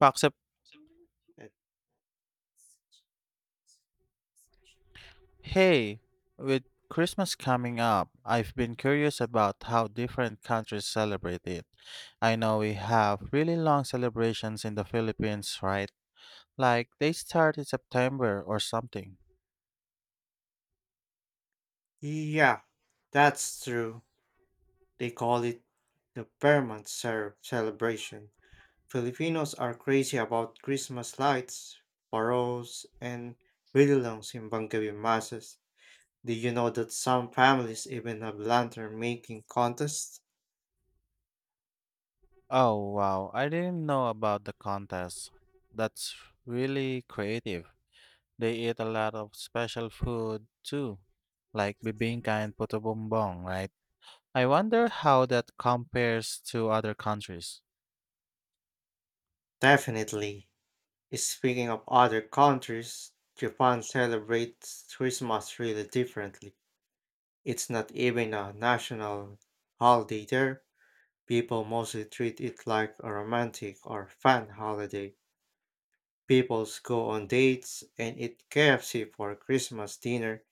Except Uh, hey, with Christmas coming up, I've been curious about how different countries celebrate it. I know we have really long celebrations in the Philippines, right? Like they start in September or something. Yeah, that's true. They call it the Vermont celebration. Filipinos are crazy about Christmas lights, paroles, and belongs in Bangabi masses. Do you know that some families even have lantern making contests? Oh wow, I didn't know about the contest. That's really creative. They eat a lot of special food too, like bibingka and puto bumbong, right? I wonder how that compares to other countries. Definitely. Speaking of other countries, Japan celebrates Christmas really differently. It's not even a national holiday there. People mostly treat it like a romantic or fun holiday. Peoples go on dates and eat KFC for Christmas dinner.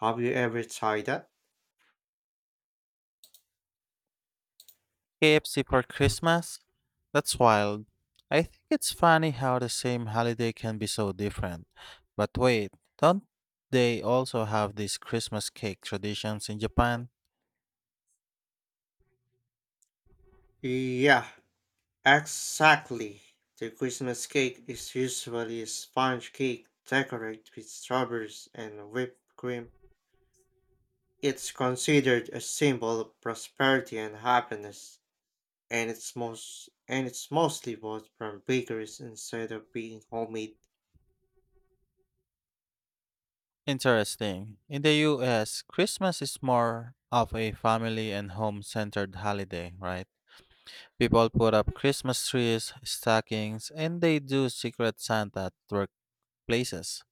Have you ever tried that? KFC for Christmas? That's wild. I think it's funny how the same holiday can be so different. But wait, don't they also have these Christmas cake traditions in Japan? Yeah, exactly. The Christmas cake is usually a sponge cake decorated with strawberries and whipped cream. It's considered a symbol of prosperity and happiness, and it's mostly bought from bakeries instead of being homemade. Interesting. In the US, Christmas is more of a family and home centered holiday, right? People put up Christmas trees, stockings, and they do Secret Santa at workplaces.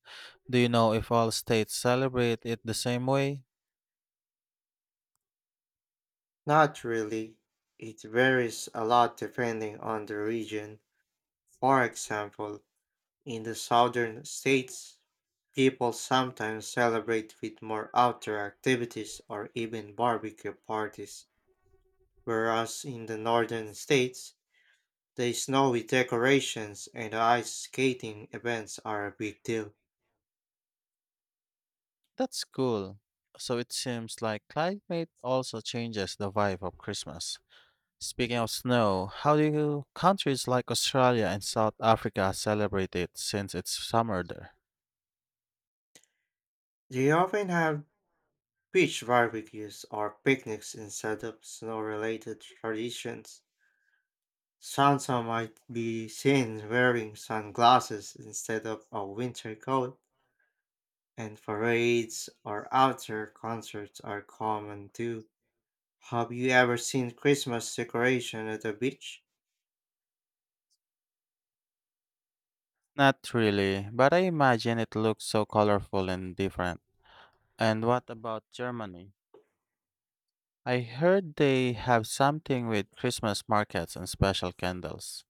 Do you know if all states celebrate it the same way? Not really. It varies a lot depending on the region. For example, in the southern states, people sometimes celebrate with more outdoor activities or even barbecue parties, whereas in the northern states, the snowy decorations and ice skating events are a big deal. That's cool. So it seems like climate also changes the vibe of Christmas. Speaking of snow, countries like Australia and South Africa celebrate it since it's summer there? They often have beach barbecues or picnics instead of snow related traditions. Sansa might be seen wearing sunglasses instead of a winter coat, and parades or outdoor concerts are common too. Have you ever seen Christmas decoration at the beach? Not really, but I imagine it looks so colorful and different. And what about Germany? I heard they have something with Christmas markets and special candles.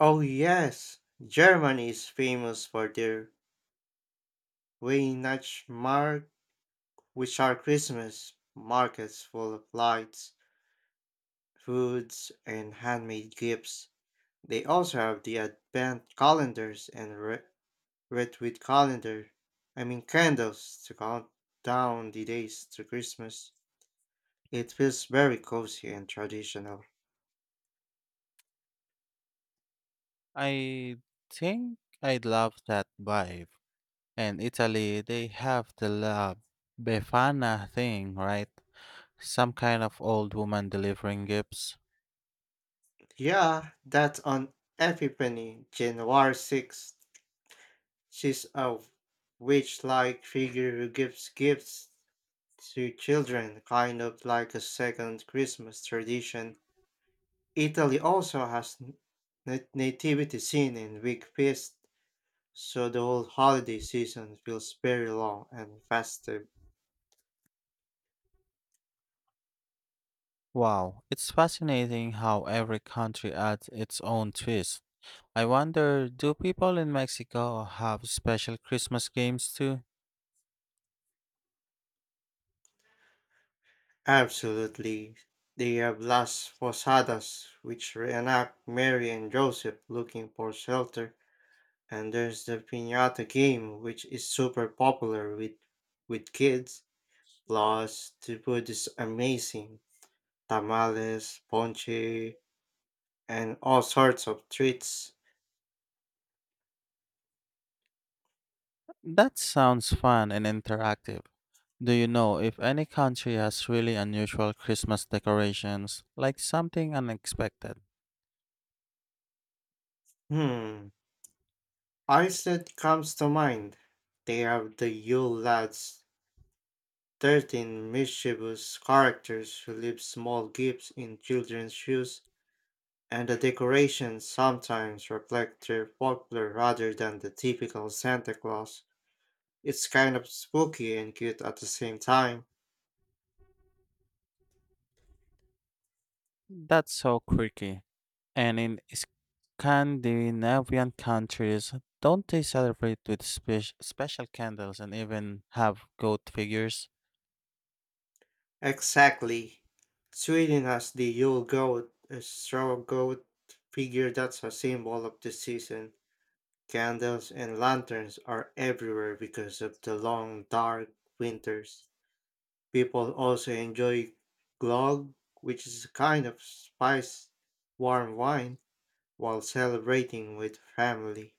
Oh yes, Germany is famous for their Weihnachtsmarkt, which are Christmas markets full of lights, foods, and handmade gifts. They also have the advent calendars and Red with calendar. I mean candles to count down the days to Christmas. It feels very cozy and traditional. I think I'd love that vibe. In Italy, they have the La Befana thing, right? Some kind of old woman delivering gifts. Yeah, that's on Epiphany, January 6th. She's a witch like figure who gives gifts to children, kind of like a second Christmas tradition. Italy also has nativity scene and week feast, so the whole holiday season feels very long and festive. Wow, it's fascinating how every country adds its own twist. I wonder, do people in Mexico have special Christmas games too? Absolutely. They have Las Posadas, which reenact Mary and Joseph looking for shelter, and there's the piñata game, which is super popular with kids. Plus, the food is amazing: tamales, ponche, and all sorts of treats. That sounds fun and interactive. Do you know if any country has really unusual Christmas decorations, like something unexpected? Hmm, Iceland comes to mind. They have the Yule Lads, 13 mischievous characters who leave small gifts in children's shoes and the decorations sometimes reflect their folklore rather than the typical Santa Claus. It's kind of spooky and cute at the same time. That's so quirky. And in Scandinavian countries, don't they celebrate with special candles and even have goat figures? Exactly. Sweden has the Yule goat, a straw goat figure that's a symbol of the season. Candles and lanterns are everywhere because of the long, dark winters. People also enjoy glögg, which is a kind of spiced warm wine. While celebrating with family.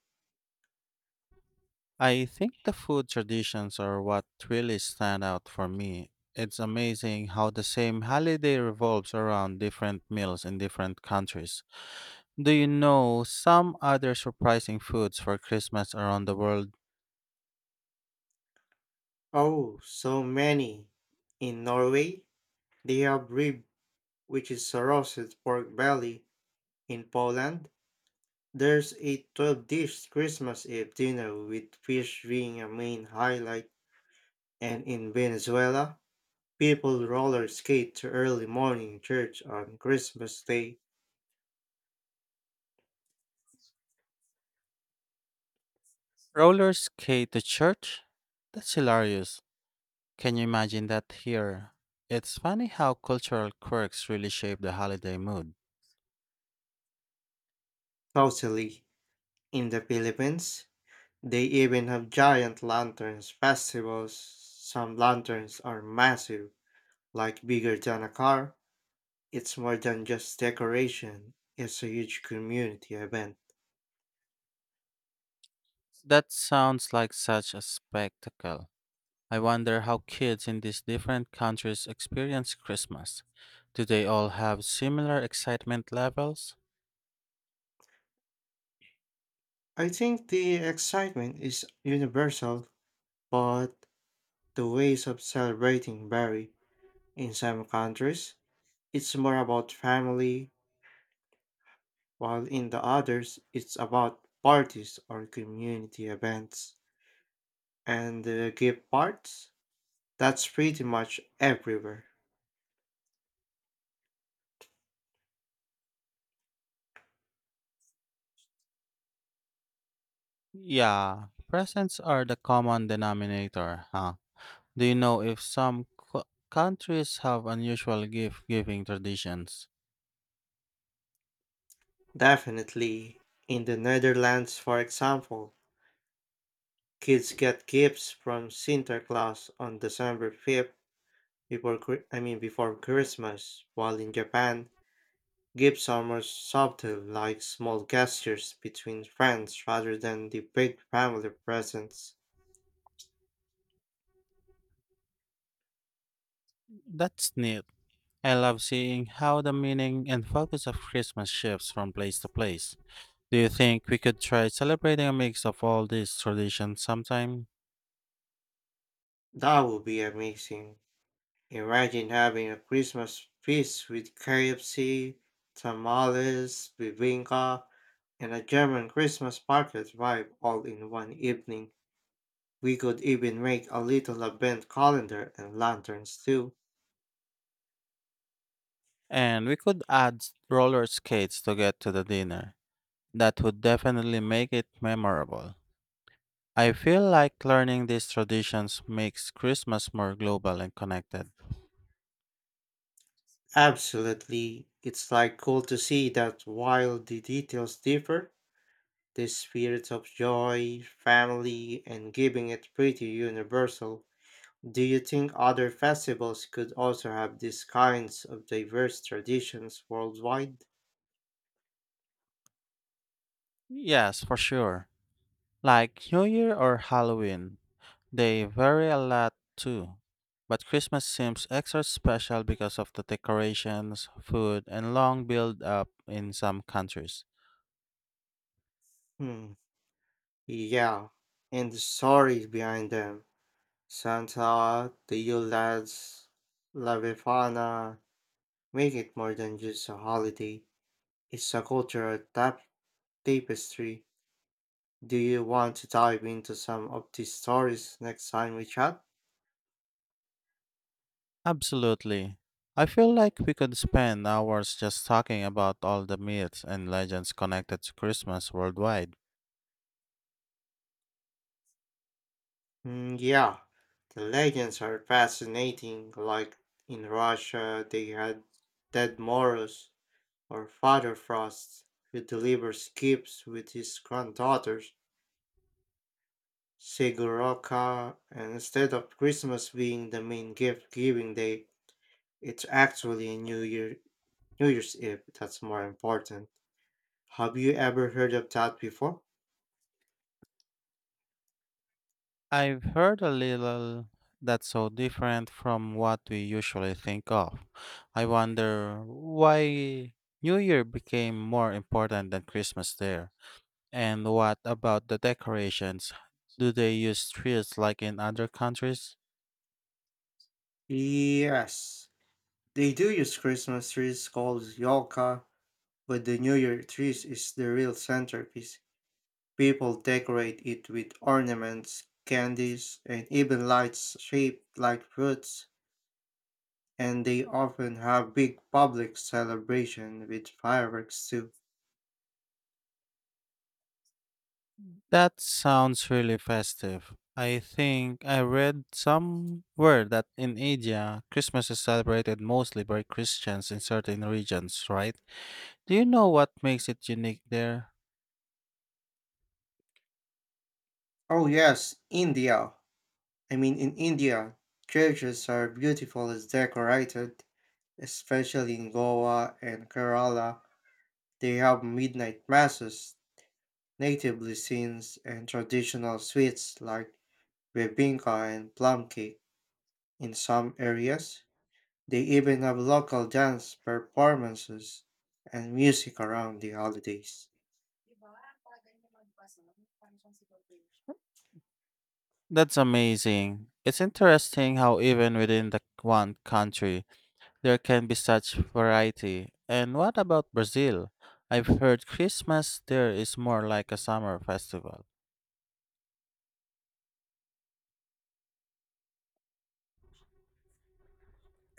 I think the food traditions are what really stand out for me. It's amazing how the same holiday revolves around different meals in different countries. Do you know some other surprising foods for Christmas around the world? Oh, so many! In Norway, they have rib, which is roasted pork belly. In Poland, there's a 12 dish Christmas Eve dinner with fish being a main highlight. And in Venezuela, people roller skate to early morning church on Christmas Day. Roller skate to church? That's hilarious. Can you imagine that here? It's funny how cultural quirks really shape the holiday mood. Totally. In the Philippines, they even have giant lanterns festivals. Some lanterns are massive, like bigger than a car. It's more than just decoration, it's a huge community event. That sounds like such a spectacle. I wonder how kids in these different countries experience Christmas. Do they all have similar excitement levels? I think the excitement is universal, but the ways of celebrating vary. In some countries, it's more about family, while in the others, it's about parties or community events. And the gift parts? That's pretty much everywhere. Yeah, presents are the common denominator, huh? Do you know if countries have unusual gift giving traditions? Definitely. In the Netherlands, for example, kids get gifts from Santa Claus on December 5th I mean before Christmas, while in Japan, gifts are more subtle like small gestures between friends rather than the big family presents. That's neat. I love seeing how the meaning and focus of Christmas shifts from place to place. Do you think we could try celebrating a mix of all these traditions sometime? That would be amazing. Imagine having a Christmas feast with KFC, tamales, bibinka, and a German Christmas market vibe all in one evening. We could even make a little event calendar and lanterns too. And we could add roller skates to get to the dinner. That would definitely make it memorable. I feel like learning these traditions makes Christmas more global and connected. Absolutely. It's like cool to see that while the details differ, the spirit of joy, family, and giving it pretty universal. Do you think other festivals could also have these kinds of diverse traditions worldwide? Yes, for sure. Like New Year or Halloween, they vary a lot too, but Christmas seems extra special because of the decorations, food, and long build up in some countries. Hmm. Yeah. And the stories behind them. Santa, the Yule Lads, La Befana, make it more than just a holiday. It's a cultural tapestry. Do you want to dive into some of these stories next time we chat? Absolutely. I feel like we could spend hours just talking about all the myths and legends connected to Christmas worldwide. Mm, yeah, the legends are fascinating. Like in Russia, they had Dead Moros or Father Frost, who delivers gifts with his granddaughters, Siguroka, and instead of Christmas being the main gift giving day, it's actually a New Year's Eve, that's more important. Have you ever heard of that before? I've heard a little, that's so different from what we usually think of. I wonder why New Year became more important than Christmas there. And what about the decorations? Do they use trees like in other countries? Yes. They do use Christmas trees called yolka, but the New Year trees is the real centerpiece. People decorate it with ornaments, candies, and even lights shaped like fruits, and they often have big public celebration with fireworks too. That sounds really festive. I think I read somewhere that in India, Christmas is celebrated mostly by Christians in certain regions, right? Do you know what makes it unique there? Oh yes, India. I mean in India, churches are beautiful as decorated especially in Goa and Kerala, they have midnight masses, native cuisines, and traditional sweets like bebinca and plum cake. In some areas, they even have local dance performances and music around the holidays. That's amazing. It's interesting how even within the one country, there can be such variety. And what about Brazil? I've heard Christmas there is more like a summer festival.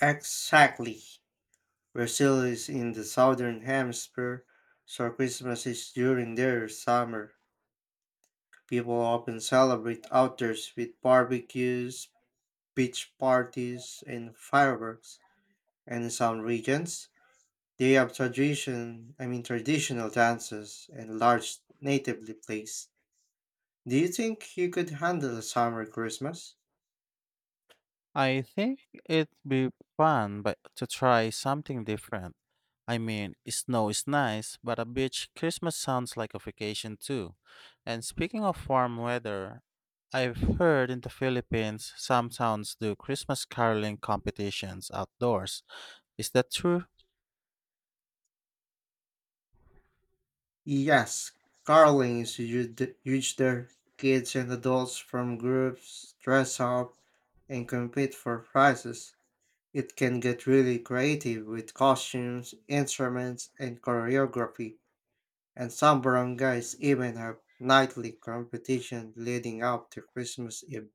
Exactly. Brazil is in the southern hemisphere, so Christmas is during their summer. People often celebrate outdoors with barbecues, beach parties and fireworks. And in some regions, they have I mean traditional dances and large natively plays. Do you think you could handle a summer Christmas? I think it'd be fun but to try something different. I mean, snow is nice, but a beach Christmas sounds like a vacation too. And speaking of warm weather, I've heard in the Philippines some towns do Christmas caroling competitions outdoors. Is that true? Yes, caroling is huge there. Kids and adults from groups dress up and compete for prizes. It can get really creative with costumes, instruments, and choreography, and some barangays even have nightly competition leading up to Christmas Eve.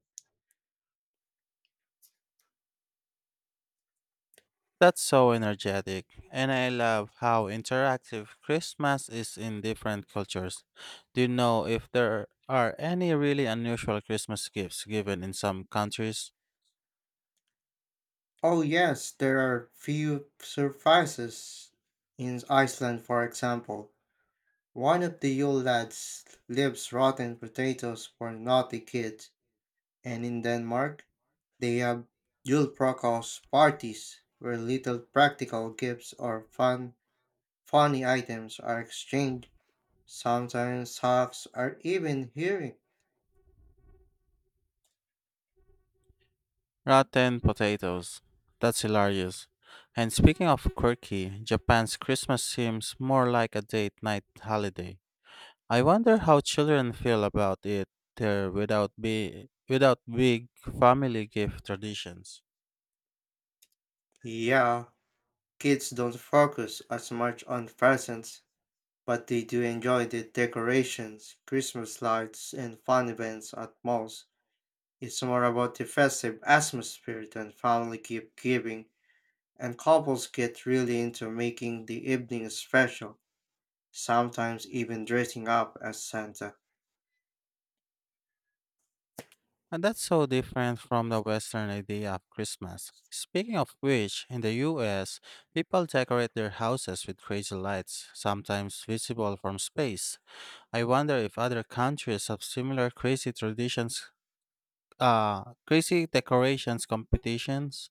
That's so energetic, and I love how interactive Christmas is in different cultures. Do you know if there are any really unusual Christmas gifts given in some countries? Oh, yes, there are few surprises in Iceland, for example. One of the Yule lads leaves rotten potatoes for naughty kids, and in Denmark, they have Yule Prokos parties where little practical gifts or funny items are exchanged. Sometimes socks are even hearing. Rotten potatoes. That's hilarious. And speaking of quirky, Japan's Christmas seems more like a date night holiday. I wonder how children feel about it there without big family gift traditions. Yeah, kids don't focus as much on presents, but they do enjoy the decorations, Christmas lights, and fun events at malls. It's more about the festive atmosphere than family gift giving, and couples get really into making the evening special, sometimes even dressing up as Santa. And that's so different from the Western idea of Christmas. Speaking of which, in the US, people decorate their houses with crazy lights, sometimes visible from space. I wonder if other countries have similar crazy traditions, crazy decorations competitions.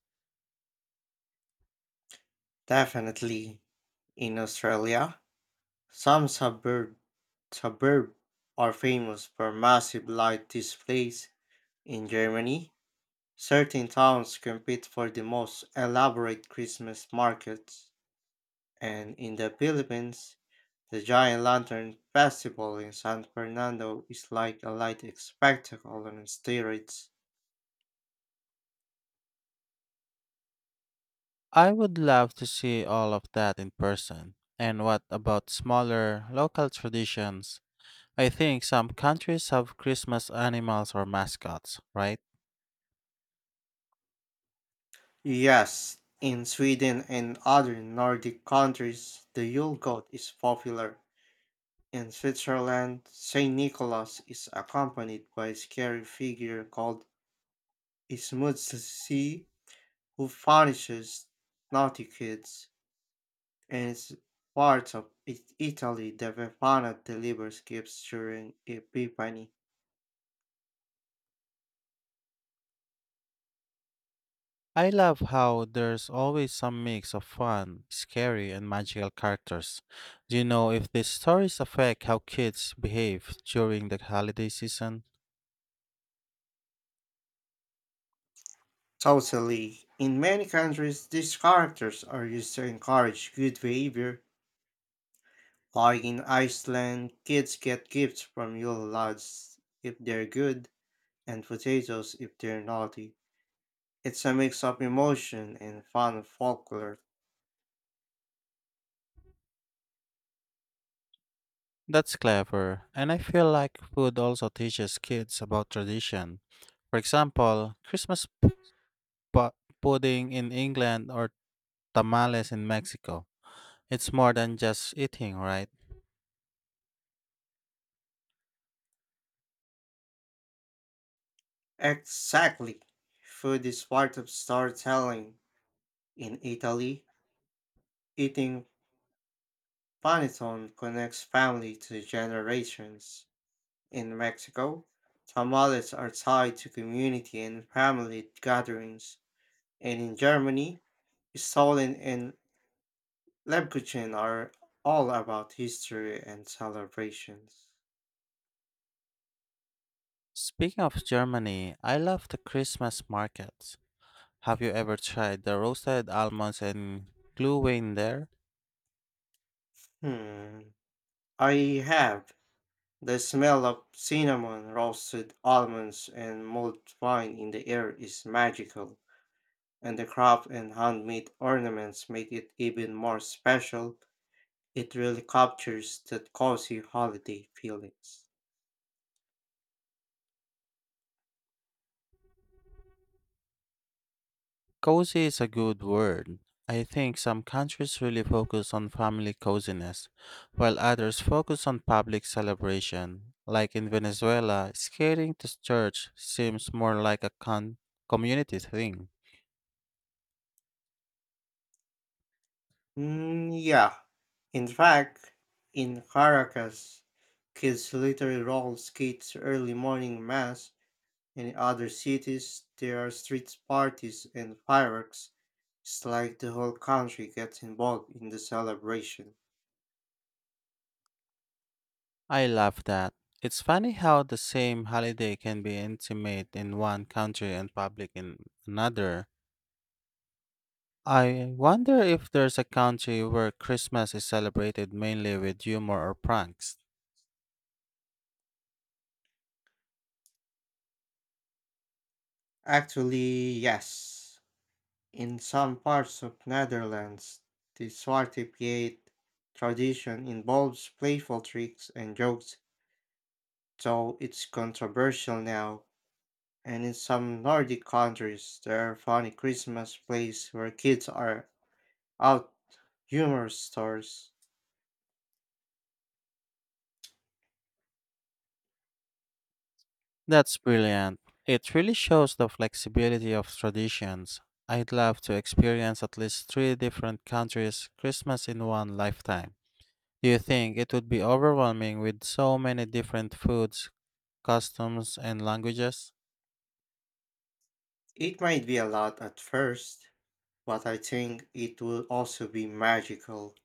Definitely in Australia, some suburb are famous for massive light displays in Germany. Certain towns compete for the most elaborate Christmas markets, and in the Philippines, the Giant Lantern Festival in San Fernando is like a light spectacle on steroids. I would love to see all of that in person. And what about smaller, local traditions? I think some countries have Christmas animals or mascots, right? Yes, in Sweden and other Nordic countries, the Yule goat is popular. In Switzerland, St. Nicholas is accompanied by a scary figure called Ismutsi, who punishes naughty kids. As Italy, the Befana delivers gifts during Epiphany. I love how there's always some mix of fun, scary, and magical characters. Do you know if these stories affect how kids behave during the holiday season? Totally. In many countries, these characters are used to encourage good behavior. Like in Iceland, kids get gifts from yule lads if they're good, and potatoes if they're naughty. It's a mix of emotion and fun folklore. That's clever, and I feel like food also teaches kids about tradition. For example, Christmas pudding in England or tamales in Mexico. It's more than just eating, right? Exactly. Food is part of storytelling. In Italy, eating Panettone connects family to generations. In Mexico, tamales are tied to community and family gatherings, and in Germany, Stollen and Lebkuchen are all about history and celebrations. Speaking of Germany, I love the Christmas markets. Have you ever tried the roasted almonds and gluein there? Hmm, I have the smell of cinnamon, roasted almonds, and mulled wine in the air is magical, and the craft and handmade ornaments make it even more special. It really captures that cozy holiday feelings. Cozy is a good word. I think some countries really focus on family coziness, while others focus on public celebration. Like in Venezuela, skating to church seems more like a community thing. Mm, yeah. In fact, in Caracas, kids literally roll skates early morning mass. In other cities, there are street parties and fireworks. It's like the whole country gets involved in the celebration. I love that. It's funny how the same holiday can be intimate in one country and public in another. I wonder if there's a country where Christmas is celebrated mainly with humor or pranks. Actually, yes. In some parts of Netherlands, the Zwarte Piet tradition involves playful tricks and jokes though it's controversial now, and in some Nordic countries there are funny Christmas plays where kids are out humor stores. That's brilliant. It really shows the flexibility of traditions. I'd love to experience at least three different countries' Christmas in one lifetime. Do you think it would be overwhelming with so many different foods, customs, and languages? It might be a lot at first, but I think it will also be magical.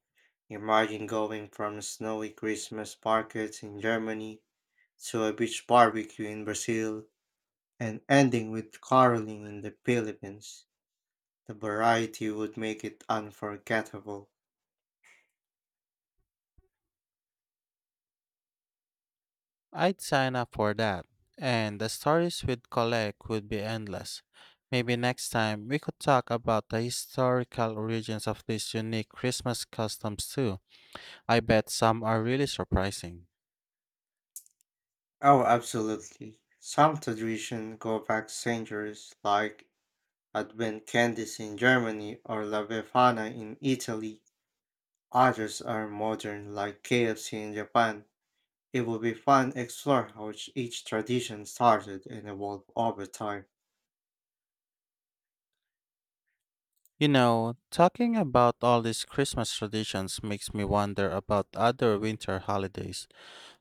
Imagine going from snowy Christmas markets in Germany to a beach barbecue in Brazil and ending with caroling in the Philippines. The variety would make it unforgettable. I'd sign up for that, and the stories we'd collect would be endless. Maybe next time we could talk about the historical origins of these unique Christmas customs too. I bet some are really surprising. Oh, absolutely. Some traditions go back centuries, like Advent candies in Germany or La Befana in Italy. Others are modern, like KFC in Japan. It will be fun to explore how each tradition started and evolved over time. You know, talking about all these Christmas traditions makes me wonder about other winter holidays.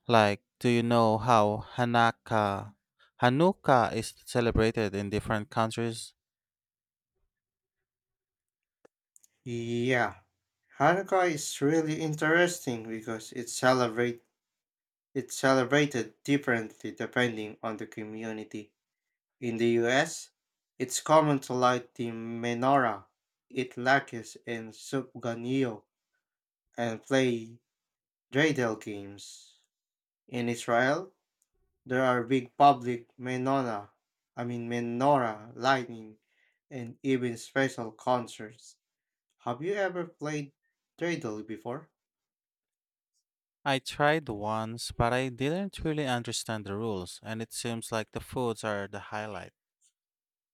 Like, do you know how Hanukkah is celebrated in different countries? Yeah, Hanukkah is really interesting because it celebrated differently depending on the community. In the US, it's common to light the menorah, eat latkes and soup ganio, and play dreidel games. In Israel, there are big public I mean menorah lighting, and even special concerts. Have you ever played dreidel before? I tried once, but I didn't really understand the rules, and it seems like the foods are the highlight.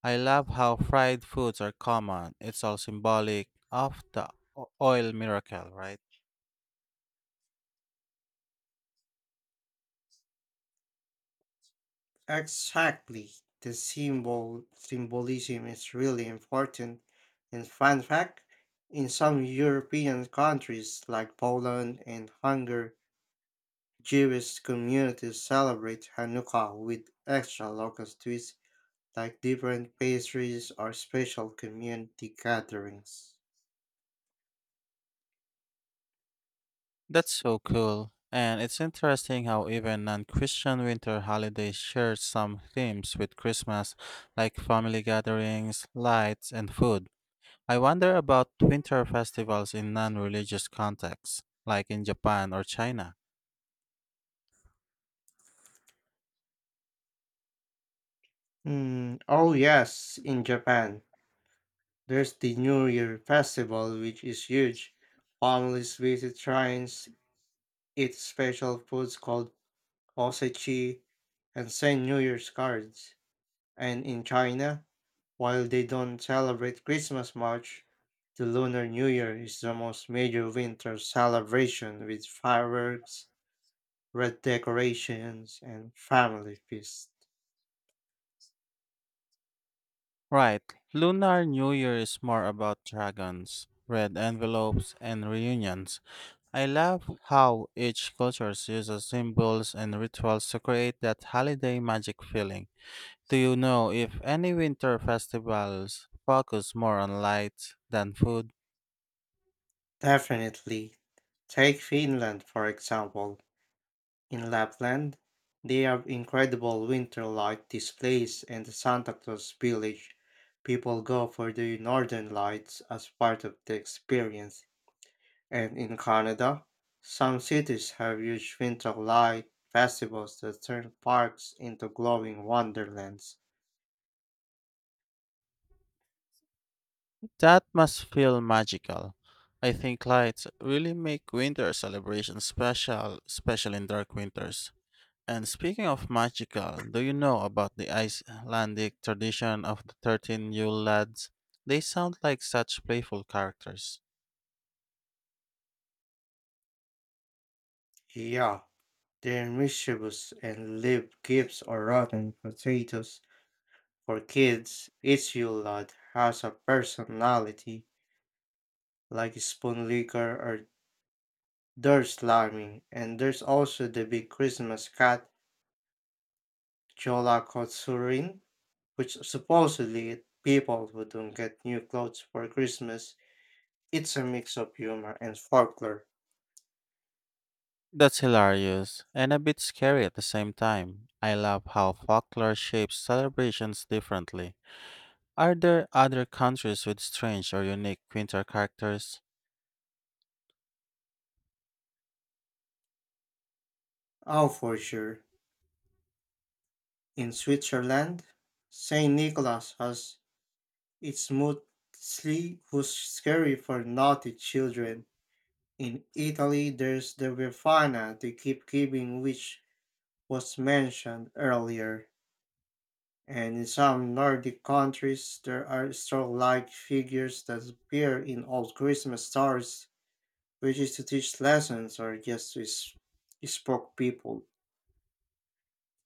I love how fried foods are common. It's all symbolic of the oil miracle, right? Exactly. The symbolism is really important. And fun fact, in some European countries like Poland and Hungary, Jewish communities celebrate Hanukkah with extra local twists like different pastries or special community gatherings. That's so cool. And it's interesting how even non Christian winter holidays share some themes with Christmas, like family gatherings, lights, and food. I wonder about winter festivals in non religious contexts, like in Japan or China. Mm, oh yes, in Japan, there's the New Year festival which is huge. Families visit shrines, eat special foods called osage, and send New Year's cards. And in China, while they don't celebrate Christmas much, the Lunar New Year is the most major winter celebration with fireworks, red decorations, and family feast. Right. Lunar New Year is more about dragons, red envelopes, and reunions. I love how each culture uses symbols and rituals to create that holiday magic feeling. Do you know if any winter festivals focus more on lights than food? Definitely. Take Finland, for example. In Lapland, they have incredible winter light displays and the Santa Claus Village. People go for the northern lights as part of the experience. And in Canada, some cities have huge winter light festivals that turn parks into glowing wonderlands. That must feel magical. I think lights really make winter celebrations special, especially in dark winters. And speaking of magical, do you know about the Icelandic tradition of the 13 Yule lads? They sound like such playful characters. Yeah, they're mischievous and live gifts or rotten potatoes. For kids, each Yule log has a personality like spoon liquor or there's Laramie, and there's also the big Christmas cat, Jola Kotsurin, which supposedly people who don't get new clothes for Christmas. It's a mix of humor and folklore. That's hilarious and a bit scary at the same time. I love how folklore shapes celebrations differently. Are there other countries with strange or unique winter characters? Oh, for sure. In Switzerland, St. Nicholas has its mostly who's scary for naughty children. In Italy, there's the Befana they keep giving, which was mentioned earlier. And in some Nordic countries, there are star-like figures that appear in old Christmas stars, which is to teach lessons or just to spook people.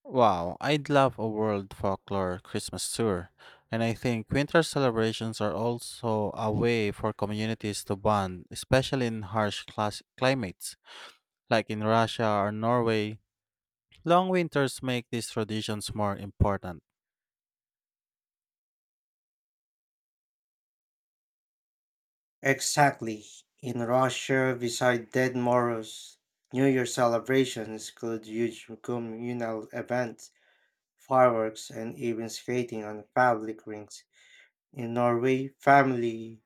Wow, I'd love a world folklore Christmas tour. And I think winter celebrations are also a way for communities to bond, especially in harsh class climates, like in Russia or Norway. Long winters make these traditions more important. Exactly. In Russia, beside Dead Moros, New Year celebrations include huge communal events, fireworks, and even skating on public rings. In Norway, family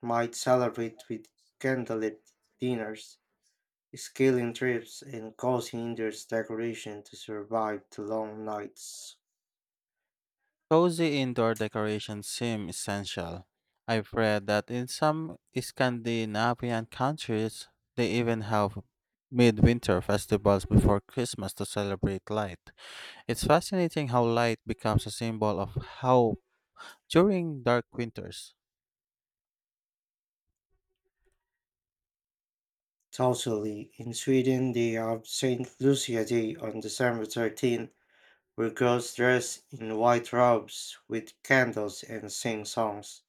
might celebrate with candlelit dinners, scaling trips and causing hinders decoration to survive the long nights. Cozy indoor decorations seem essential. I've read that in some Scandinavian countries, they even have midwinter festivals before Christmas to celebrate light. It's fascinating how light becomes a symbol of hope during dark winters. Totally. In Sweden, they have Saint Lucia Day on December 13, where girls dress in white robes with candles and sing songs.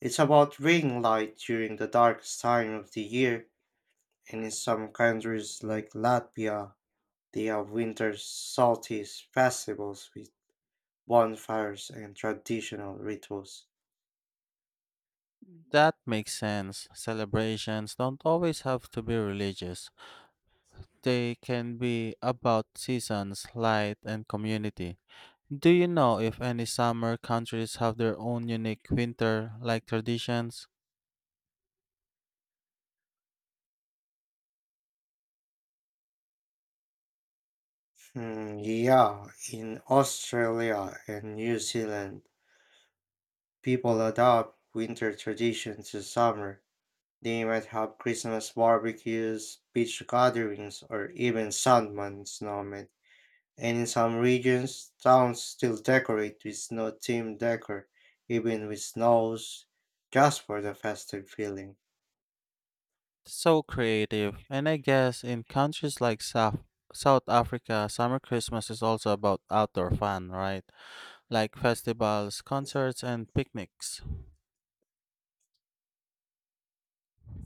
It's about ring light during the darkest time of the year, and in some countries like Latvia, they have winter solstice festivals with bonfires and traditional rituals. That makes sense. Celebrations don't always have to be religious, they can be about seasons, light, and community. Do you know if any summer countries have their own unique winter like traditions? Hmm. Yeah, in Australia and New Zealand, people adopt winter traditions to summer. They might have Christmas barbecues, beach gatherings, or even Sandman snowmen. And in some regions, towns still decorate with snow themed decor, even with snows, just for the festive feeling. So creative. And I guess in countries like South, South Africa, summer Christmas is also about outdoor fun, right? Like festivals, concerts, and picnics.